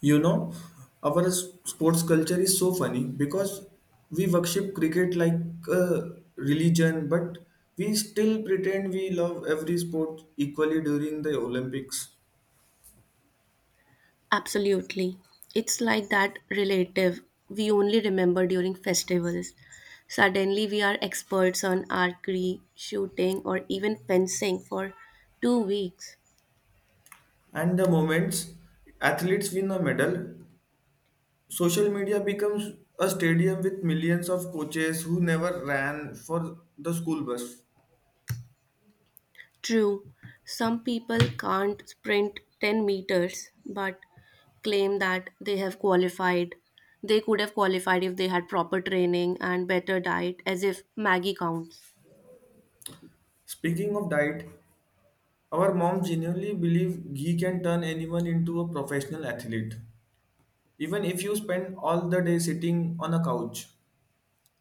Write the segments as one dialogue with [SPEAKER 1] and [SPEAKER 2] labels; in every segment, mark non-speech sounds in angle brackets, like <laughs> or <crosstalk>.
[SPEAKER 1] You know, our sports culture is so funny because we worship cricket like a religion, but we still pretend we love every sport equally during the Olympics.
[SPEAKER 2] Absolutely. It's like that relative we only remember during festivals. Suddenly, we are experts on archery, shooting, or even fencing for 2 weeks.
[SPEAKER 1] And the moments athletes win a medal, social media becomes a stadium with millions of coaches who never ran for the school bus.
[SPEAKER 2] True, some people can't sprint 10 meters but claim that they have qualified. They could have qualified if they had proper training and better diet, as if Maggie counts.
[SPEAKER 1] Speaking of diet, our mom genuinely believe ghee can turn anyone into a professional athlete, even if you spend all the day sitting on a couch.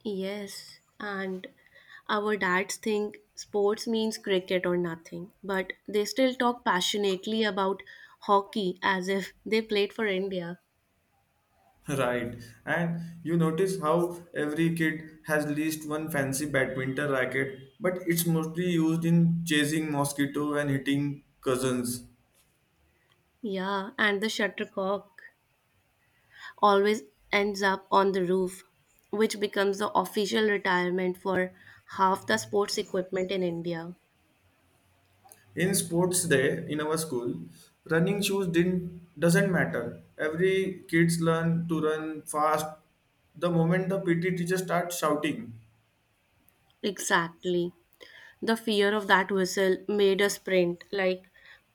[SPEAKER 2] Yes, and our dads think sports means cricket or nothing, but they still talk passionately about hockey as if they played for India.
[SPEAKER 1] <laughs> Right, and you notice how every kid has at least one fancy badminton racket, but it's mostly used in chasing mosquito and hitting cousins.
[SPEAKER 2] Yeah, and the shuttlecock always ends up on the roof, which becomes the official retirement for half the sports equipment in India.
[SPEAKER 1] In sports day in our school, running shoes didn't doesn't matter, every kids learn to run fast the moment the pt teacher starts shouting.
[SPEAKER 2] Exactly. The fear of that whistle made us sprint like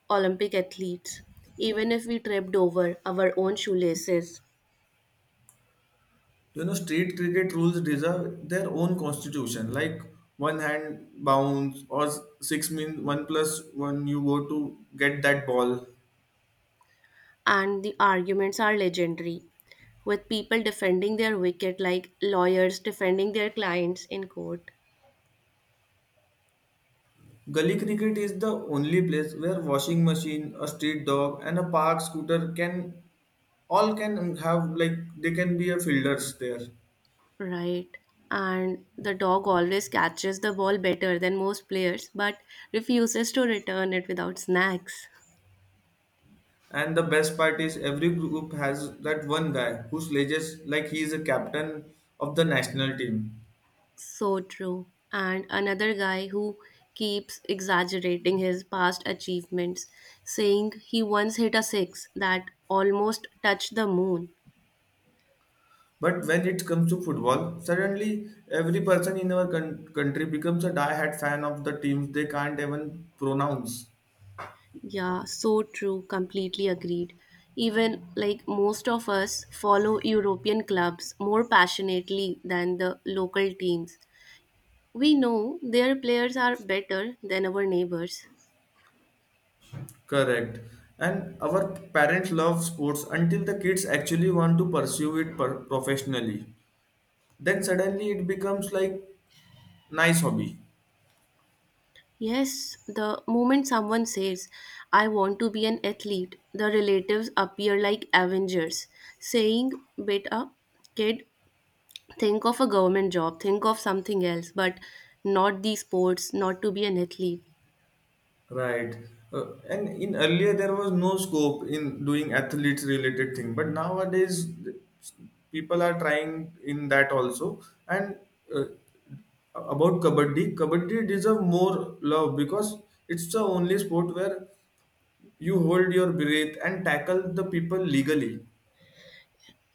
[SPEAKER 2] Olympic athletes, even if we tripped over our own shoelaces.
[SPEAKER 1] You know, street cricket rules deserve their own constitution, like one hand bounce or six means one plus one, you go to get that ball.
[SPEAKER 2] And the arguments are legendary, with people defending their wicket like lawyers defending their clients in court.
[SPEAKER 1] Gully cricket is the only place where washing machine, a street dog, and a park scooter can all can have like they can be a fielders there.
[SPEAKER 2] Right. And the dog always catches the ball better than most players, but refuses to return it without snacks.
[SPEAKER 1] And the best part is every group has that one guy who sledges like he is a captain of the national team.
[SPEAKER 2] So true. And another guy who keeps exaggerating his past achievements, saying he once hit a six that almost touched the moon.
[SPEAKER 1] But when it comes to football, suddenly every person in our country becomes a die-hard fan of the teams they can't even pronounce.
[SPEAKER 2] Yeah, so true. Completely agreed. Even like most of us follow European clubs more passionately than the local teams. We know their players are better than our neighbors.
[SPEAKER 1] Correct. And our parents love sports until the kids actually want to pursue it professionally. Then suddenly it becomes like nice hobby,
[SPEAKER 2] Yes, the moment someone says, I want to be an athlete, the relatives appear like Avengers, saying, Beta, kid, think of a government job, think of something else, but not these sports, not to be an athlete.
[SPEAKER 1] right? And in earlier there was no scope in doing athletes related thing, but nowadays people are trying in that also. And uh, about kabaddi, kabaddi deserve more love because it's the only sport where you hold your breath and tackle the people legally.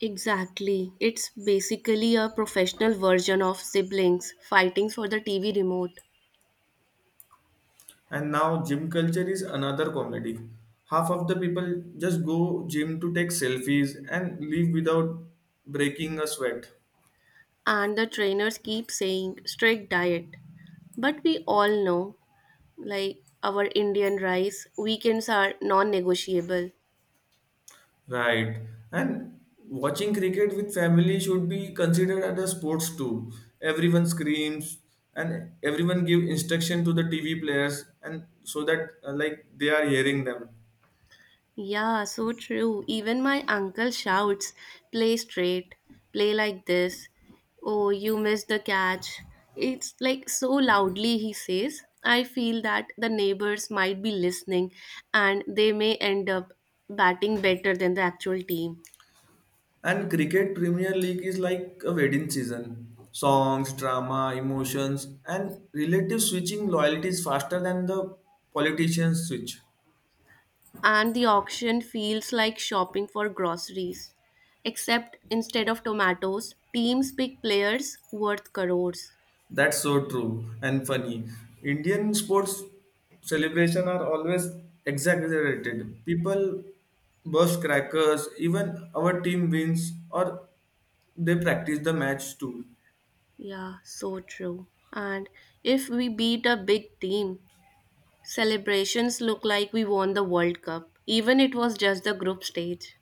[SPEAKER 2] Exactly. It's basically a professional version of siblings fighting for the TV remote.
[SPEAKER 1] And now gym culture is another comedy, half of the people just go gym to take selfies and leave without breaking a sweat.
[SPEAKER 2] And the trainers keep saying strict diet. But we all know, like our Indian rice, weekends are non negotiable.
[SPEAKER 1] Right. And watching cricket with family should be considered as a sports too. Everyone screams and everyone give instruction to the TV players and so that like they are hearing them.
[SPEAKER 2] Yeah, so true. Even my uncle shouts, play straight, play like this. Oh, you missed the catch. It's like so loudly he says. I feel that the neighbors might be listening and they may end up batting better than the actual team.
[SPEAKER 1] And cricket Premier League is like a wedding season. Songs, drama, emotions and relative switching loyalties faster than the politicians switch.
[SPEAKER 2] And the auction feels like shopping for groceries. Except instead of tomatoes, teams pick players worth crores.
[SPEAKER 1] That's so true and funny. Indian sports celebration are always exaggerated. People burst crackers, even our team wins or they practice the match too.
[SPEAKER 2] Yeah, so true. And if we beat a big team, celebrations look like we won the World Cup, even it was just the group stage.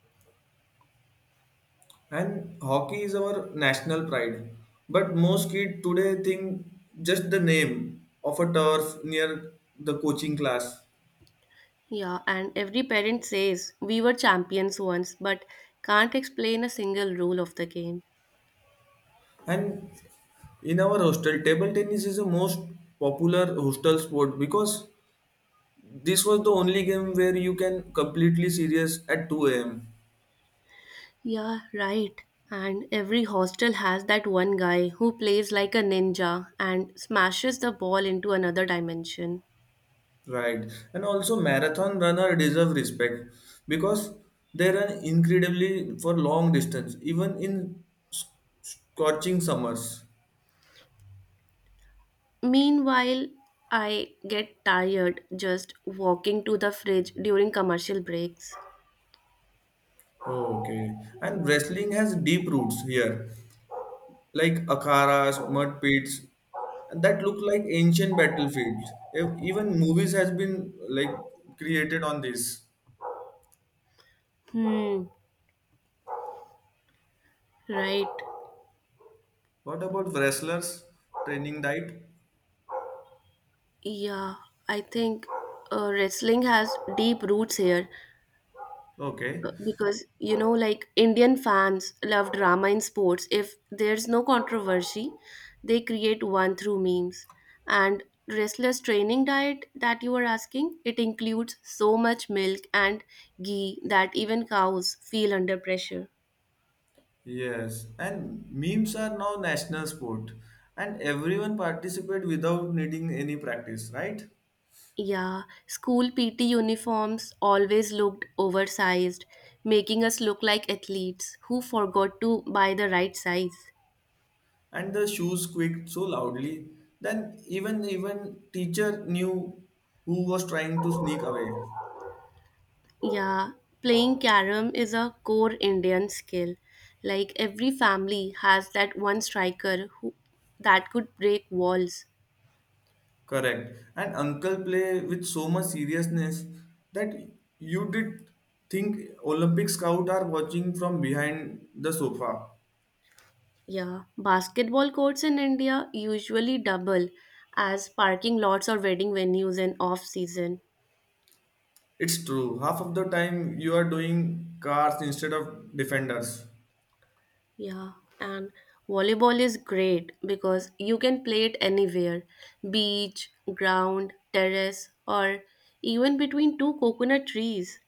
[SPEAKER 1] And hockey is our national pride. But most kids today think just the name of a turf near the coaching class.
[SPEAKER 2] Yeah, and every parent says we were champions once, but can't explain a single rule of the game.
[SPEAKER 1] And in our hostel, table tennis is the most popular hostel sport because this was the only game where you can completely serious at 2 a.m.
[SPEAKER 2] Yeah, right. And every hostel has that one guy who plays like a ninja and smashes the ball into another dimension.
[SPEAKER 1] Right, and also marathon runner deserve respect because they run incredibly for long distance even in s- scorching summers.
[SPEAKER 2] Meanwhile, I get tired just walking to the fridge during commercial breaks.
[SPEAKER 1] Oh, okay, and wrestling has deep roots here like akaras mud pits that look like ancient battlefields. Even movies has been like created on this.
[SPEAKER 2] Hmm, right.
[SPEAKER 1] What about wrestlers training diet?
[SPEAKER 2] Yeah, I think wrestling has deep roots here
[SPEAKER 1] Okay.
[SPEAKER 2] because, you know, like Indian fans love drama in sports. If there's no controversy, they create one through memes. And wrestler's training diet that you were asking, it includes so much milk and ghee that even cows feel under pressure.
[SPEAKER 1] Yes, and memes are now national sport, and everyone participate without needing any practice, right?
[SPEAKER 2] Yeah, school PT uniforms always looked oversized, making us look like athletes who forgot to buy the right size.
[SPEAKER 1] And the shoes squeaked so loudly, then even teacher knew who was trying to sneak away.
[SPEAKER 2] Yeah, playing carom is a core Indian skill. Like every family has that one striker who that could break walls.
[SPEAKER 1] Correct. And uncle play with so much seriousness that you did think Olympic scout are watching from behind the sofa.
[SPEAKER 2] Yeah, basketball courts in India usually double as parking lots or wedding venues in off season.
[SPEAKER 1] It's true. Half of the time you are doing cars instead of defenders.
[SPEAKER 2] Yeah, and volleyball is great because you can play it anywhere beach, ground, terrace, or even between two coconut trees.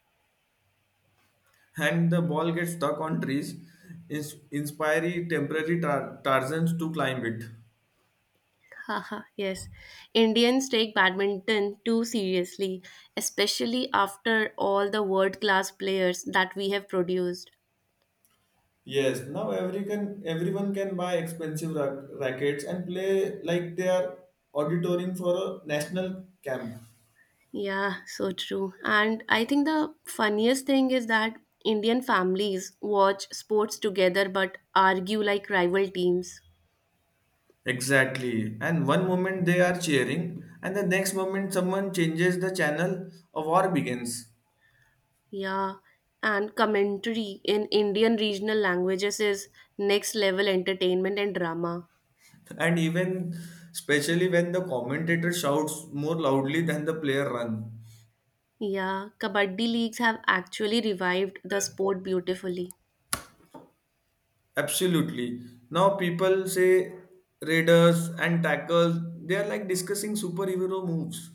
[SPEAKER 1] And the ball gets stuck on trees, inspiring temporary Tarzans to climb it.
[SPEAKER 2] <laughs> Haha, yes. Indians take badminton too seriously, especially after all the world class players that we have produced.
[SPEAKER 1] Yes, everyone can buy expensive rackets and play like they are auditoring for a national camp.
[SPEAKER 2] Yeah, so true. And I think the funniest thing is that Indian families watch sports together but argue like rival teams.
[SPEAKER 1] Exactly. And one moment they are cheering, and the next moment someone changes the channel, a war begins.
[SPEAKER 2] Yeah, and commentary in Indian regional languages is next level entertainment and drama.
[SPEAKER 1] And even, especially when the commentator shouts more loudly than the player run.
[SPEAKER 2] Yeah, Kabaddi leagues have actually revived the sport beautifully.
[SPEAKER 1] Absolutely. Now people say raiders and tackles, they are like discussing superhero moves.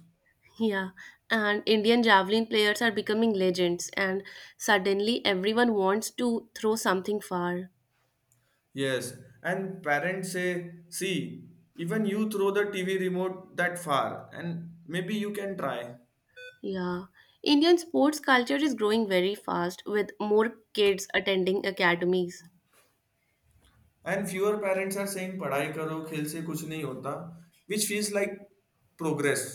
[SPEAKER 2] Yeah, and Indian javelin players are becoming legends, and suddenly everyone wants to throw something far.
[SPEAKER 1] Yes. And parents say, see, even you throw the TV remote that far and maybe you can try.
[SPEAKER 2] Yeah, Indian sports culture is growing very fast with more kids attending academies.
[SPEAKER 1] And fewer parents are saying पढ़ाई करो खेल से कुछ नहीं होता, which feels like progress.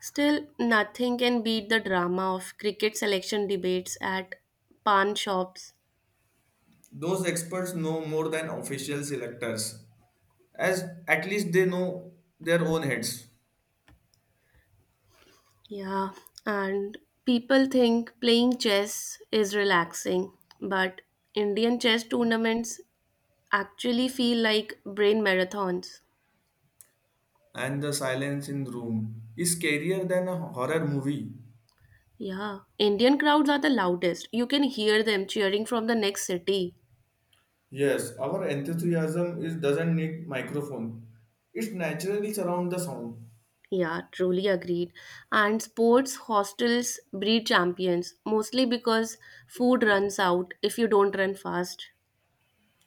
[SPEAKER 2] Still, nothing can beat the drama of cricket selection debates at pawn shops.
[SPEAKER 1] Those experts know more than official selectors, as at least they know their own heads.
[SPEAKER 2] Yeah, and people think playing chess is relaxing, but Indian chess tournaments actually feel like brain marathons.
[SPEAKER 1] And the silence in the room is scarier than a horror movie.
[SPEAKER 2] Yeah, Indian crowds are the loudest. You can hear them cheering from the next city.
[SPEAKER 1] Yes, our enthusiasm is doesn't need microphone. It naturally surrounds the sound.
[SPEAKER 2] Yeah, truly agreed. And sports hostels breed champions, mostly because food runs out if you don't run fast.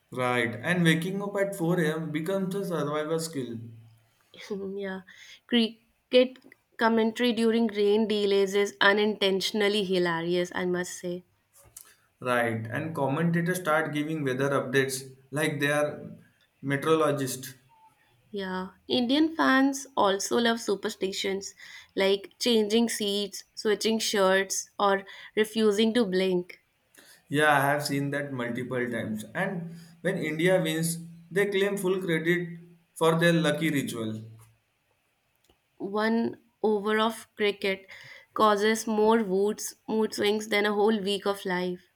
[SPEAKER 1] Right, and waking up at 4 a.m. becomes a survival skill.
[SPEAKER 2] <laughs> Yeah, cricket commentary during rain delays is unintentionally hilarious, I must say.
[SPEAKER 1] Right, and commentators start giving weather updates like they are meteorologists.
[SPEAKER 2] Yeah, Indian fans also love superstitions like changing seats, switching shirts, or refusing to blink.
[SPEAKER 1] Yeah, I have seen that multiple times. And when India wins, they claim full credit for their lucky ritual.
[SPEAKER 2] One over of cricket causes more moods, mood swings than a whole week of life.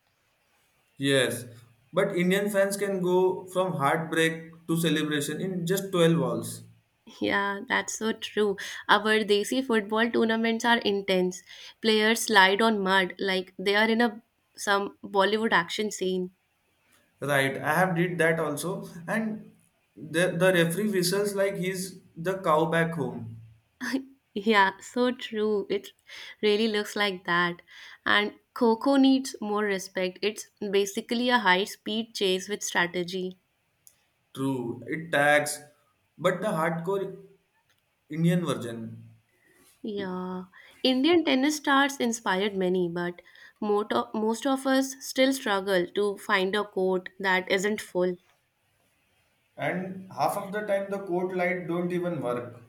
[SPEAKER 1] Yes, but Indian fans can go from heartbreak to celebration in just 12 balls.
[SPEAKER 2] Yeah, that's so true. Our Desi football tournaments are intense. Players slide on mud like they are in a some Bollywood action scene.
[SPEAKER 1] Right, I have did that also, and the referee whistles like he's the cow back home.
[SPEAKER 2] Yeah, so true. It really looks like that. And Coco needs more respect. It's basically a high speed chase with strategy.
[SPEAKER 1] True, it tags, but the hardcore Indian version.
[SPEAKER 2] Yeah. Indian tennis stars inspired many, but most of us still struggle to find a court that isn't full.
[SPEAKER 1] And half of the time the court light don't even work.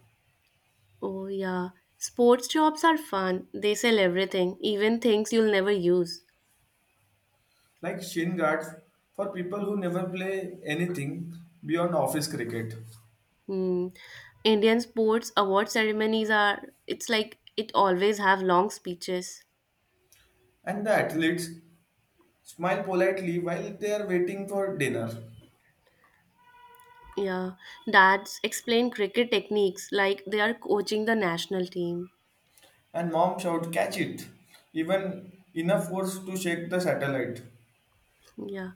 [SPEAKER 2] Oh, yeah. Sports jobs are fun. They sell everything, even things you'll never use.
[SPEAKER 1] Like shin guards for people who never play anything beyond office cricket.
[SPEAKER 2] Hmm. Indian sports award ceremonies are, it's like it always have long speeches.
[SPEAKER 1] And the athletes smile politely while they are waiting for dinner.
[SPEAKER 2] Yeah. Dads explain cricket techniques like they are coaching the national team.
[SPEAKER 1] And mom shout, catch it, even enough force to shake the satellite.
[SPEAKER 2] Yeah.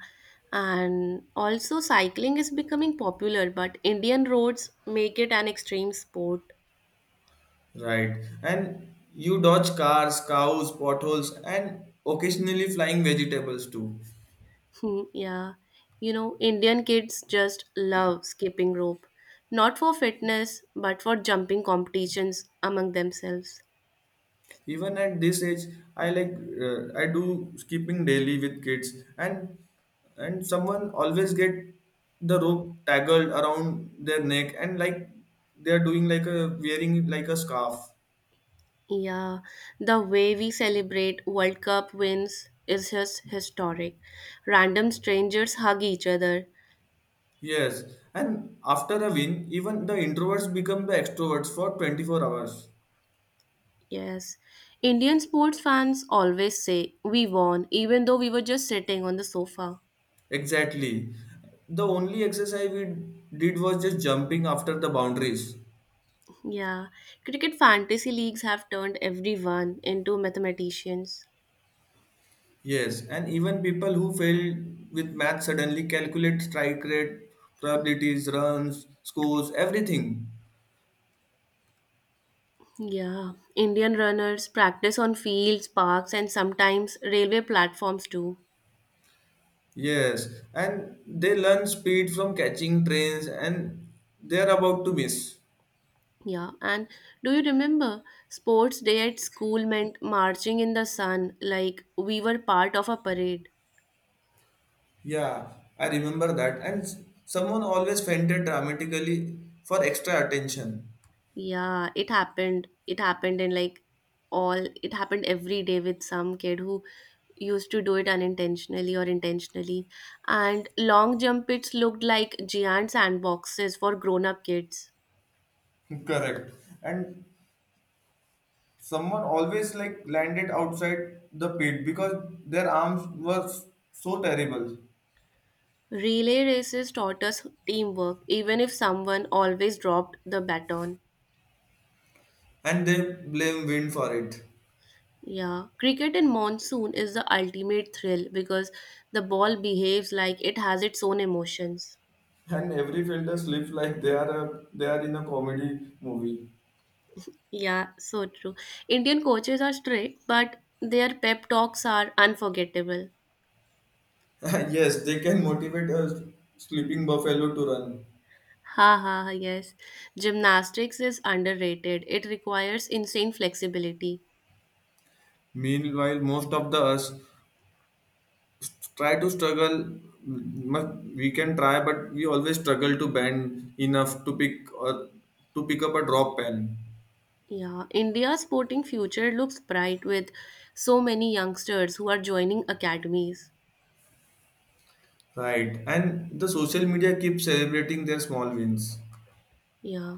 [SPEAKER 2] And also, cycling is becoming popular, but Indian roads make it an extreme sport.
[SPEAKER 1] Right. And you dodge cars, cows, potholes, and occasionally flying vegetables too.
[SPEAKER 2] Hmm, yeah, you know, Indian kids just love skipping rope, not for fitness, but for jumping competitions among themselves.
[SPEAKER 1] Even at this age, I like, I do skipping daily with kids, and someone always get the rope tangled around their neck and like they are doing like a wearing like a scarf.
[SPEAKER 2] Yeah, the way we celebrate World Cup wins is just historic. Random strangers hug each other.
[SPEAKER 1] Yes, and after a win, even the introverts become the extroverts for 24 hours.
[SPEAKER 2] Yes, Indian sports fans always say we won, even though we were just sitting on the sofa.
[SPEAKER 1] Exactly. The only exercise we did was just jumping after the boundaries.
[SPEAKER 2] Yeah, cricket fantasy leagues have turned everyone into mathematicians.
[SPEAKER 1] Yes, and even people who fail with math suddenly calculate strike rate, probabilities, runs, scores, everything.
[SPEAKER 2] Yeah, Indian runners practice on fields, parks, and sometimes railway platforms too.
[SPEAKER 1] Yes, and they learn speed from catching trains and they are about to miss.
[SPEAKER 2] Yeah, and do you remember sports day at school meant marching in the sun like we were part of a parade?
[SPEAKER 1] Yeah, I remember that. And someone always fainted dramatically for extra attention.
[SPEAKER 2] Yeah, it happened. It happened in like all, it happened every day with some kid who used to do it unintentionally or intentionally. And long jump pits looked like giant sandboxes for grown up kids.
[SPEAKER 1] <laughs> Correct. And someone always like landed outside the pit because their arms were so terrible.
[SPEAKER 2] Relay races taught us teamwork, even if someone always dropped the baton.
[SPEAKER 1] And they blame wind for it.
[SPEAKER 2] Yeah, cricket in monsoon is the ultimate thrill because the ball behaves like it has its own emotions.
[SPEAKER 1] <laughs> And every fielder sleeps like they are a, they are in a comedy movie.
[SPEAKER 2] Yeah, so true. Indian coaches are strict, but their pep talks are unforgettable.
[SPEAKER 1] <laughs> Yes, they can motivate a sleeping buffalo to run.
[SPEAKER 2] Ha ha, ha, yes. Gymnastics is underrated. It requires insane flexibility.
[SPEAKER 1] Meanwhile, most of the us try to struggle mu- we can try but we always struggle to bend enough to pick or to pick up a drop pen.
[SPEAKER 2] Yeah, India's sporting future looks bright with so many youngsters who are joining academies.
[SPEAKER 1] Right, and the social media keeps celebrating their small wins.
[SPEAKER 2] Yeah.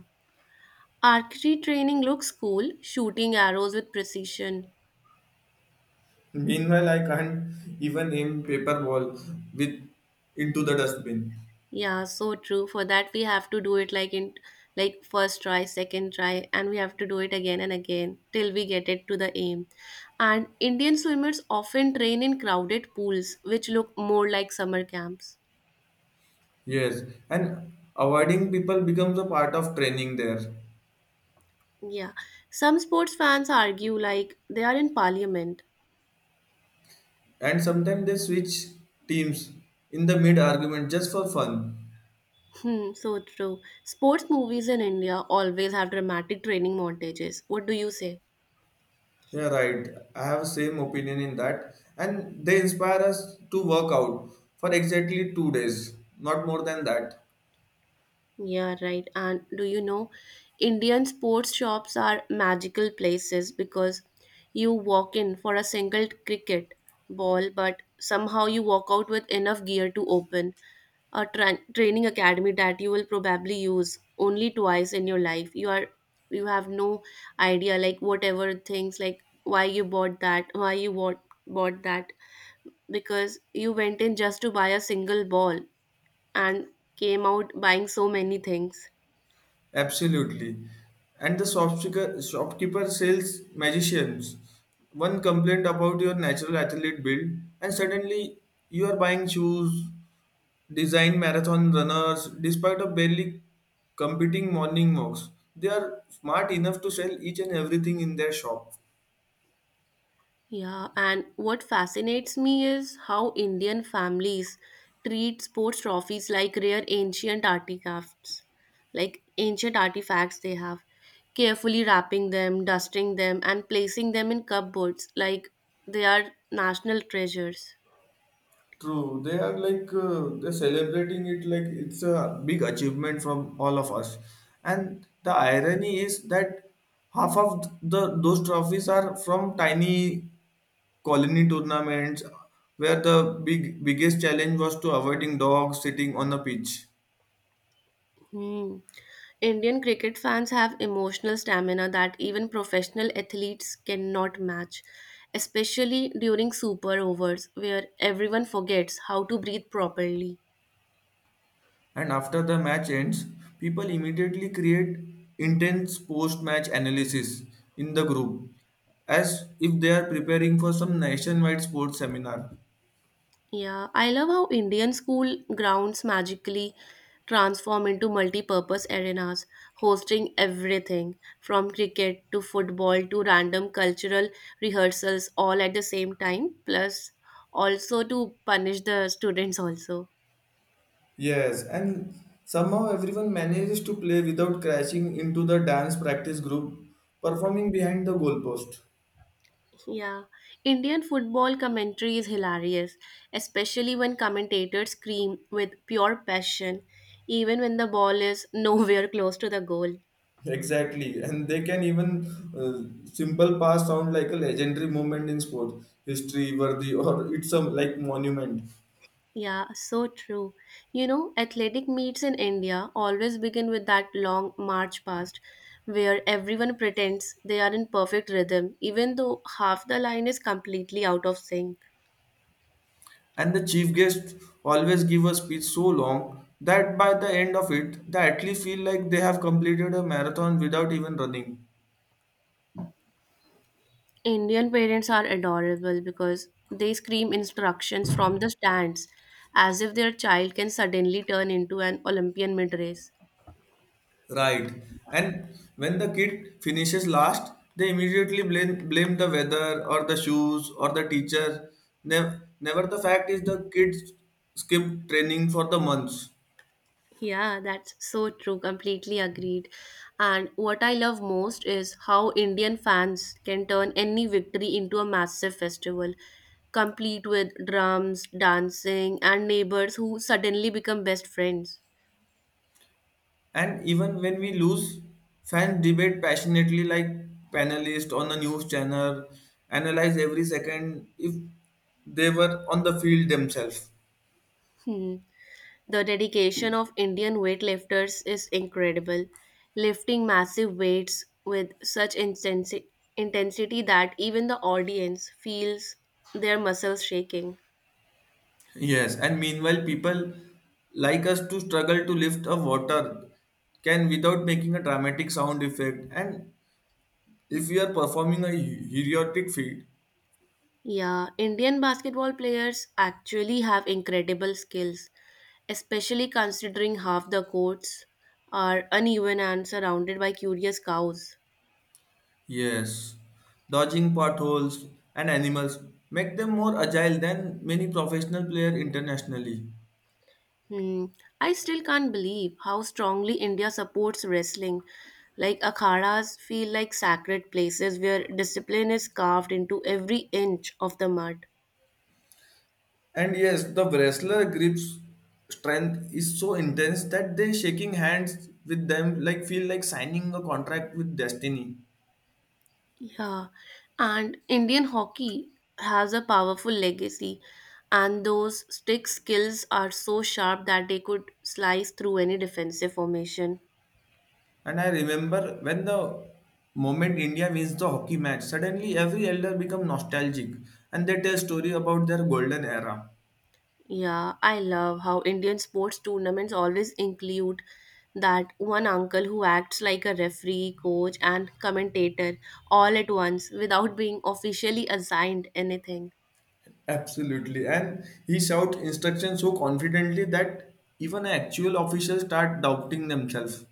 [SPEAKER 2] Archery training looks cool, shooting arrows with precision.
[SPEAKER 1] Meanwhile, I can't even aim paper ball with into the dustbin.
[SPEAKER 2] Yeah, so true. For that we have to do it like in like first try, second try, and we have to do it again and again till we get it to the aim. And Indian swimmers often train in crowded pools, which look more like summer camps.
[SPEAKER 1] Yes, and avoiding people becomes a part of training there.
[SPEAKER 2] Yeah. Some sports fans argue like they are in parliament.
[SPEAKER 1] And sometimes they switch teams in the mid argument just for fun.
[SPEAKER 2] Hmm, so true. Sports movies in India always have dramatic training montages. What do you say?
[SPEAKER 1] Yeah, right. I have same opinion in that, and they inspire us to work out for exactly 2 days, not more than that.
[SPEAKER 2] Yeah, right. And do you know, Indian sports shops are magical places because you walk in for a single cricket ball, but somehow you walk out with enough gear to open a training academy that you will probably use only twice in your life. You are you have no idea like whatever things like why you bought that, why you bought that because you went in just to buy a single ball and came out buying so many things.
[SPEAKER 1] Absolutely, and the shopkeeper sales magicians. One complaint about your natural athlete build, and suddenly you are buying shoes, design marathon runners, despite of barely competing morning walks. They are smart enough to sell each and everything in their shop.
[SPEAKER 2] Yeah, and what fascinates me is how Indian families treat sports trophies like rare ancient artifacts, like ancient artifacts they have, carefully wrapping them, dusting them, and placing them in cupboards like they are national treasures.
[SPEAKER 1] True, they are like they're celebrating it like it's a big achievement from all of us. And the irony is that half of the those trophies are from tiny colony tournaments where the biggest challenge was to avoiding dogs sitting on the pitch.
[SPEAKER 2] Hmm. Indian cricket fans have emotional stamina that even professional athletes cannot match, especially during super overs where everyone forgets how to breathe properly.
[SPEAKER 1] And after the match ends, people immediately create intense post-match analysis in the group as if they are preparing for some nationwide sports seminar.
[SPEAKER 2] Yeah, I love how Indian school grounds magically transform into multi-purpose arenas, hosting everything from cricket to football to random cultural rehearsals all at the same time, plus also to punish the students also.
[SPEAKER 1] Yes, and somehow everyone manages to play without crashing into the dance practice group performing behind the goalpost. <laughs>
[SPEAKER 2] Yeah, Indian football commentary is hilarious, especially when commentators scream with pure passion, even when the ball is <laughs> nowhere close to the goal.
[SPEAKER 1] Exactly, and they can even uh, simple pass sound like a legendary moment in sport history, worthy, or <laughs> it's some like monument.
[SPEAKER 2] Yeah, so true. You know, athletic meets in India always begin with that long march past where everyone pretends they are in perfect rhythm, even though half the line is completely out of sync.
[SPEAKER 1] And the chief guest always give a speech so long that by the end of it, they actually feel like they have completed a marathon without even running.
[SPEAKER 2] Indian parents are adorable because they scream instructions from the stands as if their child can suddenly turn into an Olympian mid race.
[SPEAKER 1] Right. And when the kid finishes last, they immediately blame the weather or the shoes or the teacher. Never the fact is the kids skip training for the months.
[SPEAKER 2] Yeah, that's so true. Completely agreed. And what I love most is how Indian fans can turn any victory into a massive festival, complete with drums, dancing, and neighbors who suddenly become best friends.
[SPEAKER 1] And even when we lose, fans debate passionately like panelists on a news channel, analyze every second if they were on the field themselves.
[SPEAKER 2] Hmm. The dedication of Indian weightlifters is incredible, lifting massive weights with such intensity that even the audience feels their muscles shaking.
[SPEAKER 1] Yes, and meanwhile, people like us to struggle to lift a water can without making a dramatic sound effect. And if we are performing a heroic feat,
[SPEAKER 2] Yeah, Indian basketball players actually have incredible skills, especially considering half the courts are uneven and surrounded by curious cows.
[SPEAKER 1] yes, dodging potholes and animals make them more agile than many professional players internationally.
[SPEAKER 2] Hmm. I still can't believe how strongly India supports wrestling. Like akhadas feel like sacred places where discipline is carved into every inch of the mud.
[SPEAKER 1] And yes, the wrestler grips strength is so intense that they shaking hands with them like feel like signing a contract with destiny.
[SPEAKER 2] Yeah, and Indian hockey has a powerful legacy, and those stick skills are so sharp that they could slice through any defensive formation.
[SPEAKER 1] And I remember when the moment India wins the hockey match, suddenly every elder become nostalgic and they tell story about their golden era.
[SPEAKER 2] Yeah, I love how Indian sports tournaments always include that one uncle who acts like a referee, coach, and commentator all at once without being officially assigned anything.
[SPEAKER 1] Absolutely. And he shout instructions so confidently that even actual officials start doubting themselves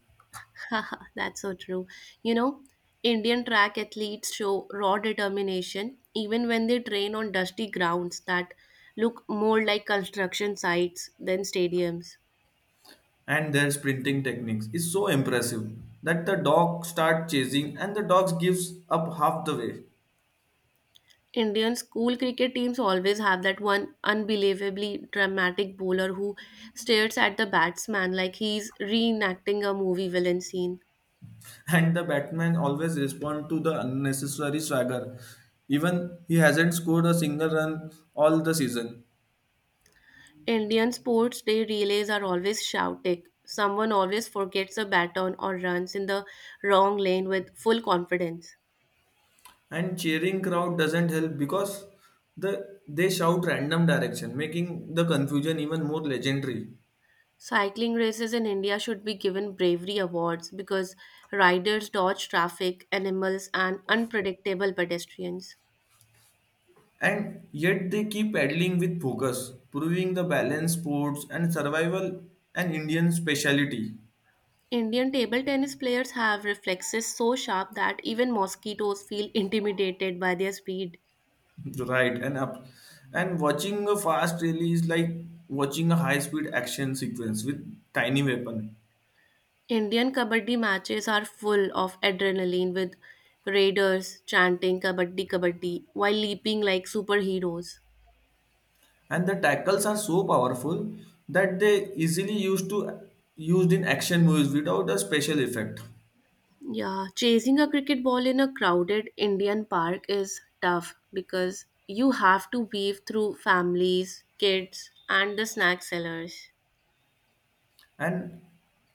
[SPEAKER 2] <laughs> Haha, that's so true. You know, Indian track athletes show raw determination even when they train on dusty grounds that look more like construction sites than stadiums.
[SPEAKER 1] and their sprinting techniques. It's so impressive that the dog start chasing and the dog gives up half the way.
[SPEAKER 2] Indian school cricket teams always have that one unbelievably dramatic bowler who stares at the batsman like he's reenacting a movie villain scene.
[SPEAKER 1] And the Batman always respond to the unnecessary swagger. Even he hasn't scored a single run all the season.
[SPEAKER 2] Indian sports day relays are always shouting. Someone always forgets a baton or runs in the wrong lane with full confidence.
[SPEAKER 1] And cheering crowd doesn't help because they shout random direction, making the confusion even more legendary.
[SPEAKER 2] Cycling races in India should be given bravery awards because riders dodge traffic, animals, and unpredictable pedestrians.
[SPEAKER 1] And yet they keep paddling with focus, proving the balance sports and survival an Indian speciality.
[SPEAKER 2] Indian table tennis players have reflexes so sharp that even mosquitoes feel intimidated by their speed.
[SPEAKER 1] <laughs> Right and up, and watching a fast rally is like watching a high speed action sequence with tiny weapon.
[SPEAKER 2] Indian kabaddi matches are full of adrenaline with raiders chanting kabaddi kabaddi while leaping like superheroes.
[SPEAKER 1] And the tackles are so powerful that they easily used in action movies without a special effect.
[SPEAKER 2] Yeah, chasing a cricket ball in a crowded Indian park is tough because you have to weave through families, kids, and the snack sellers.
[SPEAKER 1] And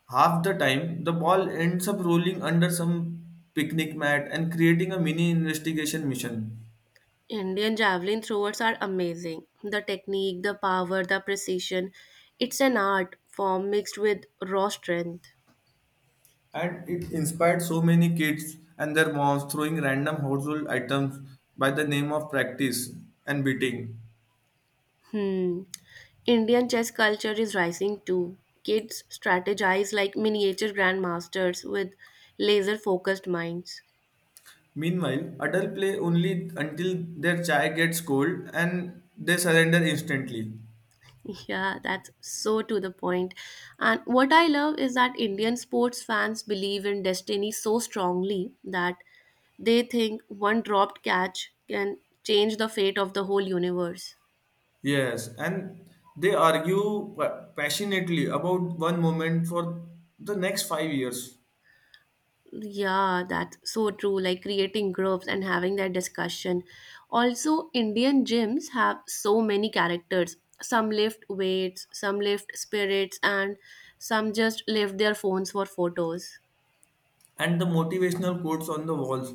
[SPEAKER 1] half the time the ball ends up rolling under some picnic mat and creating a mini investigation mission.
[SPEAKER 2] Indian javelin throwers are amazing. The technique, the power, the precision. It's an art form mixed with raw strength.
[SPEAKER 1] And it inspired so many kids and their moms throwing random household items by the name of practice and beating.
[SPEAKER 2] Hmm. Indian chess culture is rising too. Kids strategize like miniature grandmasters with laser focused minds.
[SPEAKER 1] Meanwhile, adults play only until their chai gets cold and they surrender instantly.
[SPEAKER 2] Yeah, that's so to the point. And what I love is that Indian sports fans believe in destiny so strongly that they think one dropped catch can change the fate of the whole universe.
[SPEAKER 1] Yes, and they argue passionately about one moment for the next 5 years.
[SPEAKER 2] Yeah, that's so true. Like creating groups and having that discussion. Also, Indian gyms have so many characters. Some lift weights, some lift spirits, and some just lift their phones for photos.
[SPEAKER 1] And the motivational quotes on the walls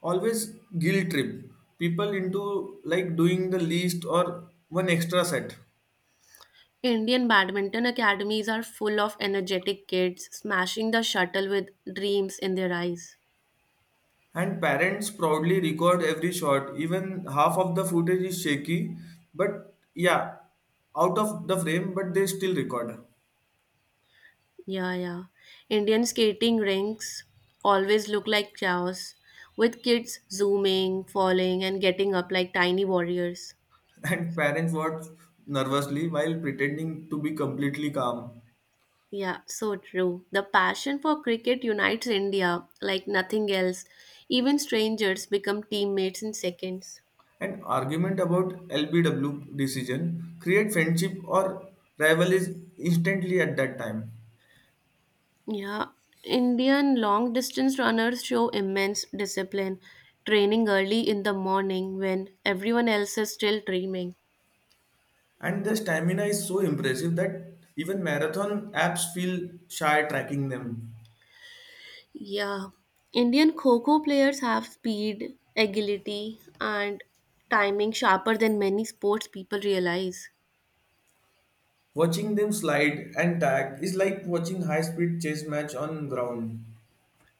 [SPEAKER 1] always guilt trip people into like doing the least or one extra set.
[SPEAKER 2] Indian badminton academies are full of energetic kids smashing the shuttle with dreams in their eyes.
[SPEAKER 1] And parents proudly record every shot, even half of the footage is shaky, but yeah, out of the frame, but they still record.
[SPEAKER 2] Yeah, yeah. Indian skating rinks always look like chaos, with kids zooming, falling, and getting up like tiny warriors.
[SPEAKER 1] <laughs> And parents watch nervously while pretending to be completely calm.
[SPEAKER 2] Yeah, so true. The passion for cricket unites India like nothing else. Even strangers become teammates in seconds.
[SPEAKER 1] An argument about LBW decision create friendship or rivalries instantly at that time.
[SPEAKER 2] Yeah, Indian long distance runners show immense discipline, training early in the morning when everyone else is still dreaming.
[SPEAKER 1] And the stamina is so impressive that even marathon apps feel shy tracking them.
[SPEAKER 2] Yeah, Indian Kho players have speed, agility, and timing sharper than many sports people realize.
[SPEAKER 1] Watching them slide and tag is like watching high speed chase match on ground.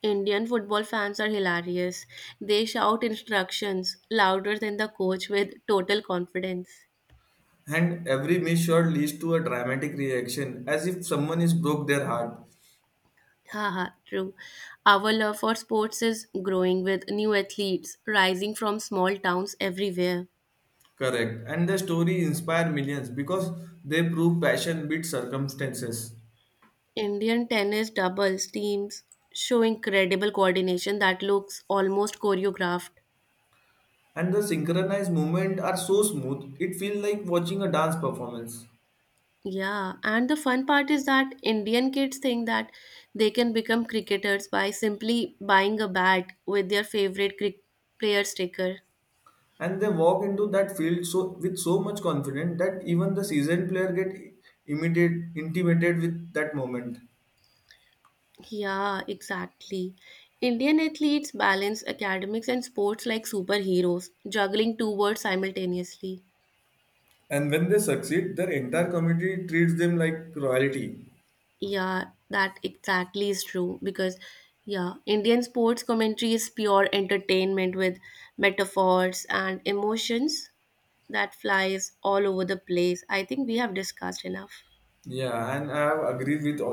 [SPEAKER 2] Indian football fans are hilarious. They shout instructions louder than the coach with total confidence.
[SPEAKER 1] And every miss shot leads to a dramatic reaction as if someone is broke their heart.
[SPEAKER 2] Haha, true. Our love for sports is growing with new athletes rising from small towns everywhere.
[SPEAKER 1] Correct. And the story inspire millions because they prove passion beats circumstances.
[SPEAKER 2] Indian tennis doubles teams show incredible coordination that looks almost choreographed.
[SPEAKER 1] And the synchronized movement are so smooth it feels like watching a dance performance.
[SPEAKER 2] Yeah, and the fun part is that Indian kids think that they can become cricketers by simply buying a bat with their favorite player sticker.
[SPEAKER 1] And they walk into that field so with so much confidence that even the seasoned player get intimidated with that moment.
[SPEAKER 2] Yeah, exactly. Indian athletes balance academics and sports like superheroes, juggling two worlds simultaneously.
[SPEAKER 1] And when they succeed their entire community treats them like royalty.
[SPEAKER 2] Yeah, that exactly is true because, yeah, Indian sports commentary is pure entertainment with metaphors and emotions that flies all over the place. I think we have discussed enough.
[SPEAKER 1] Yeah, and I have agreed with all.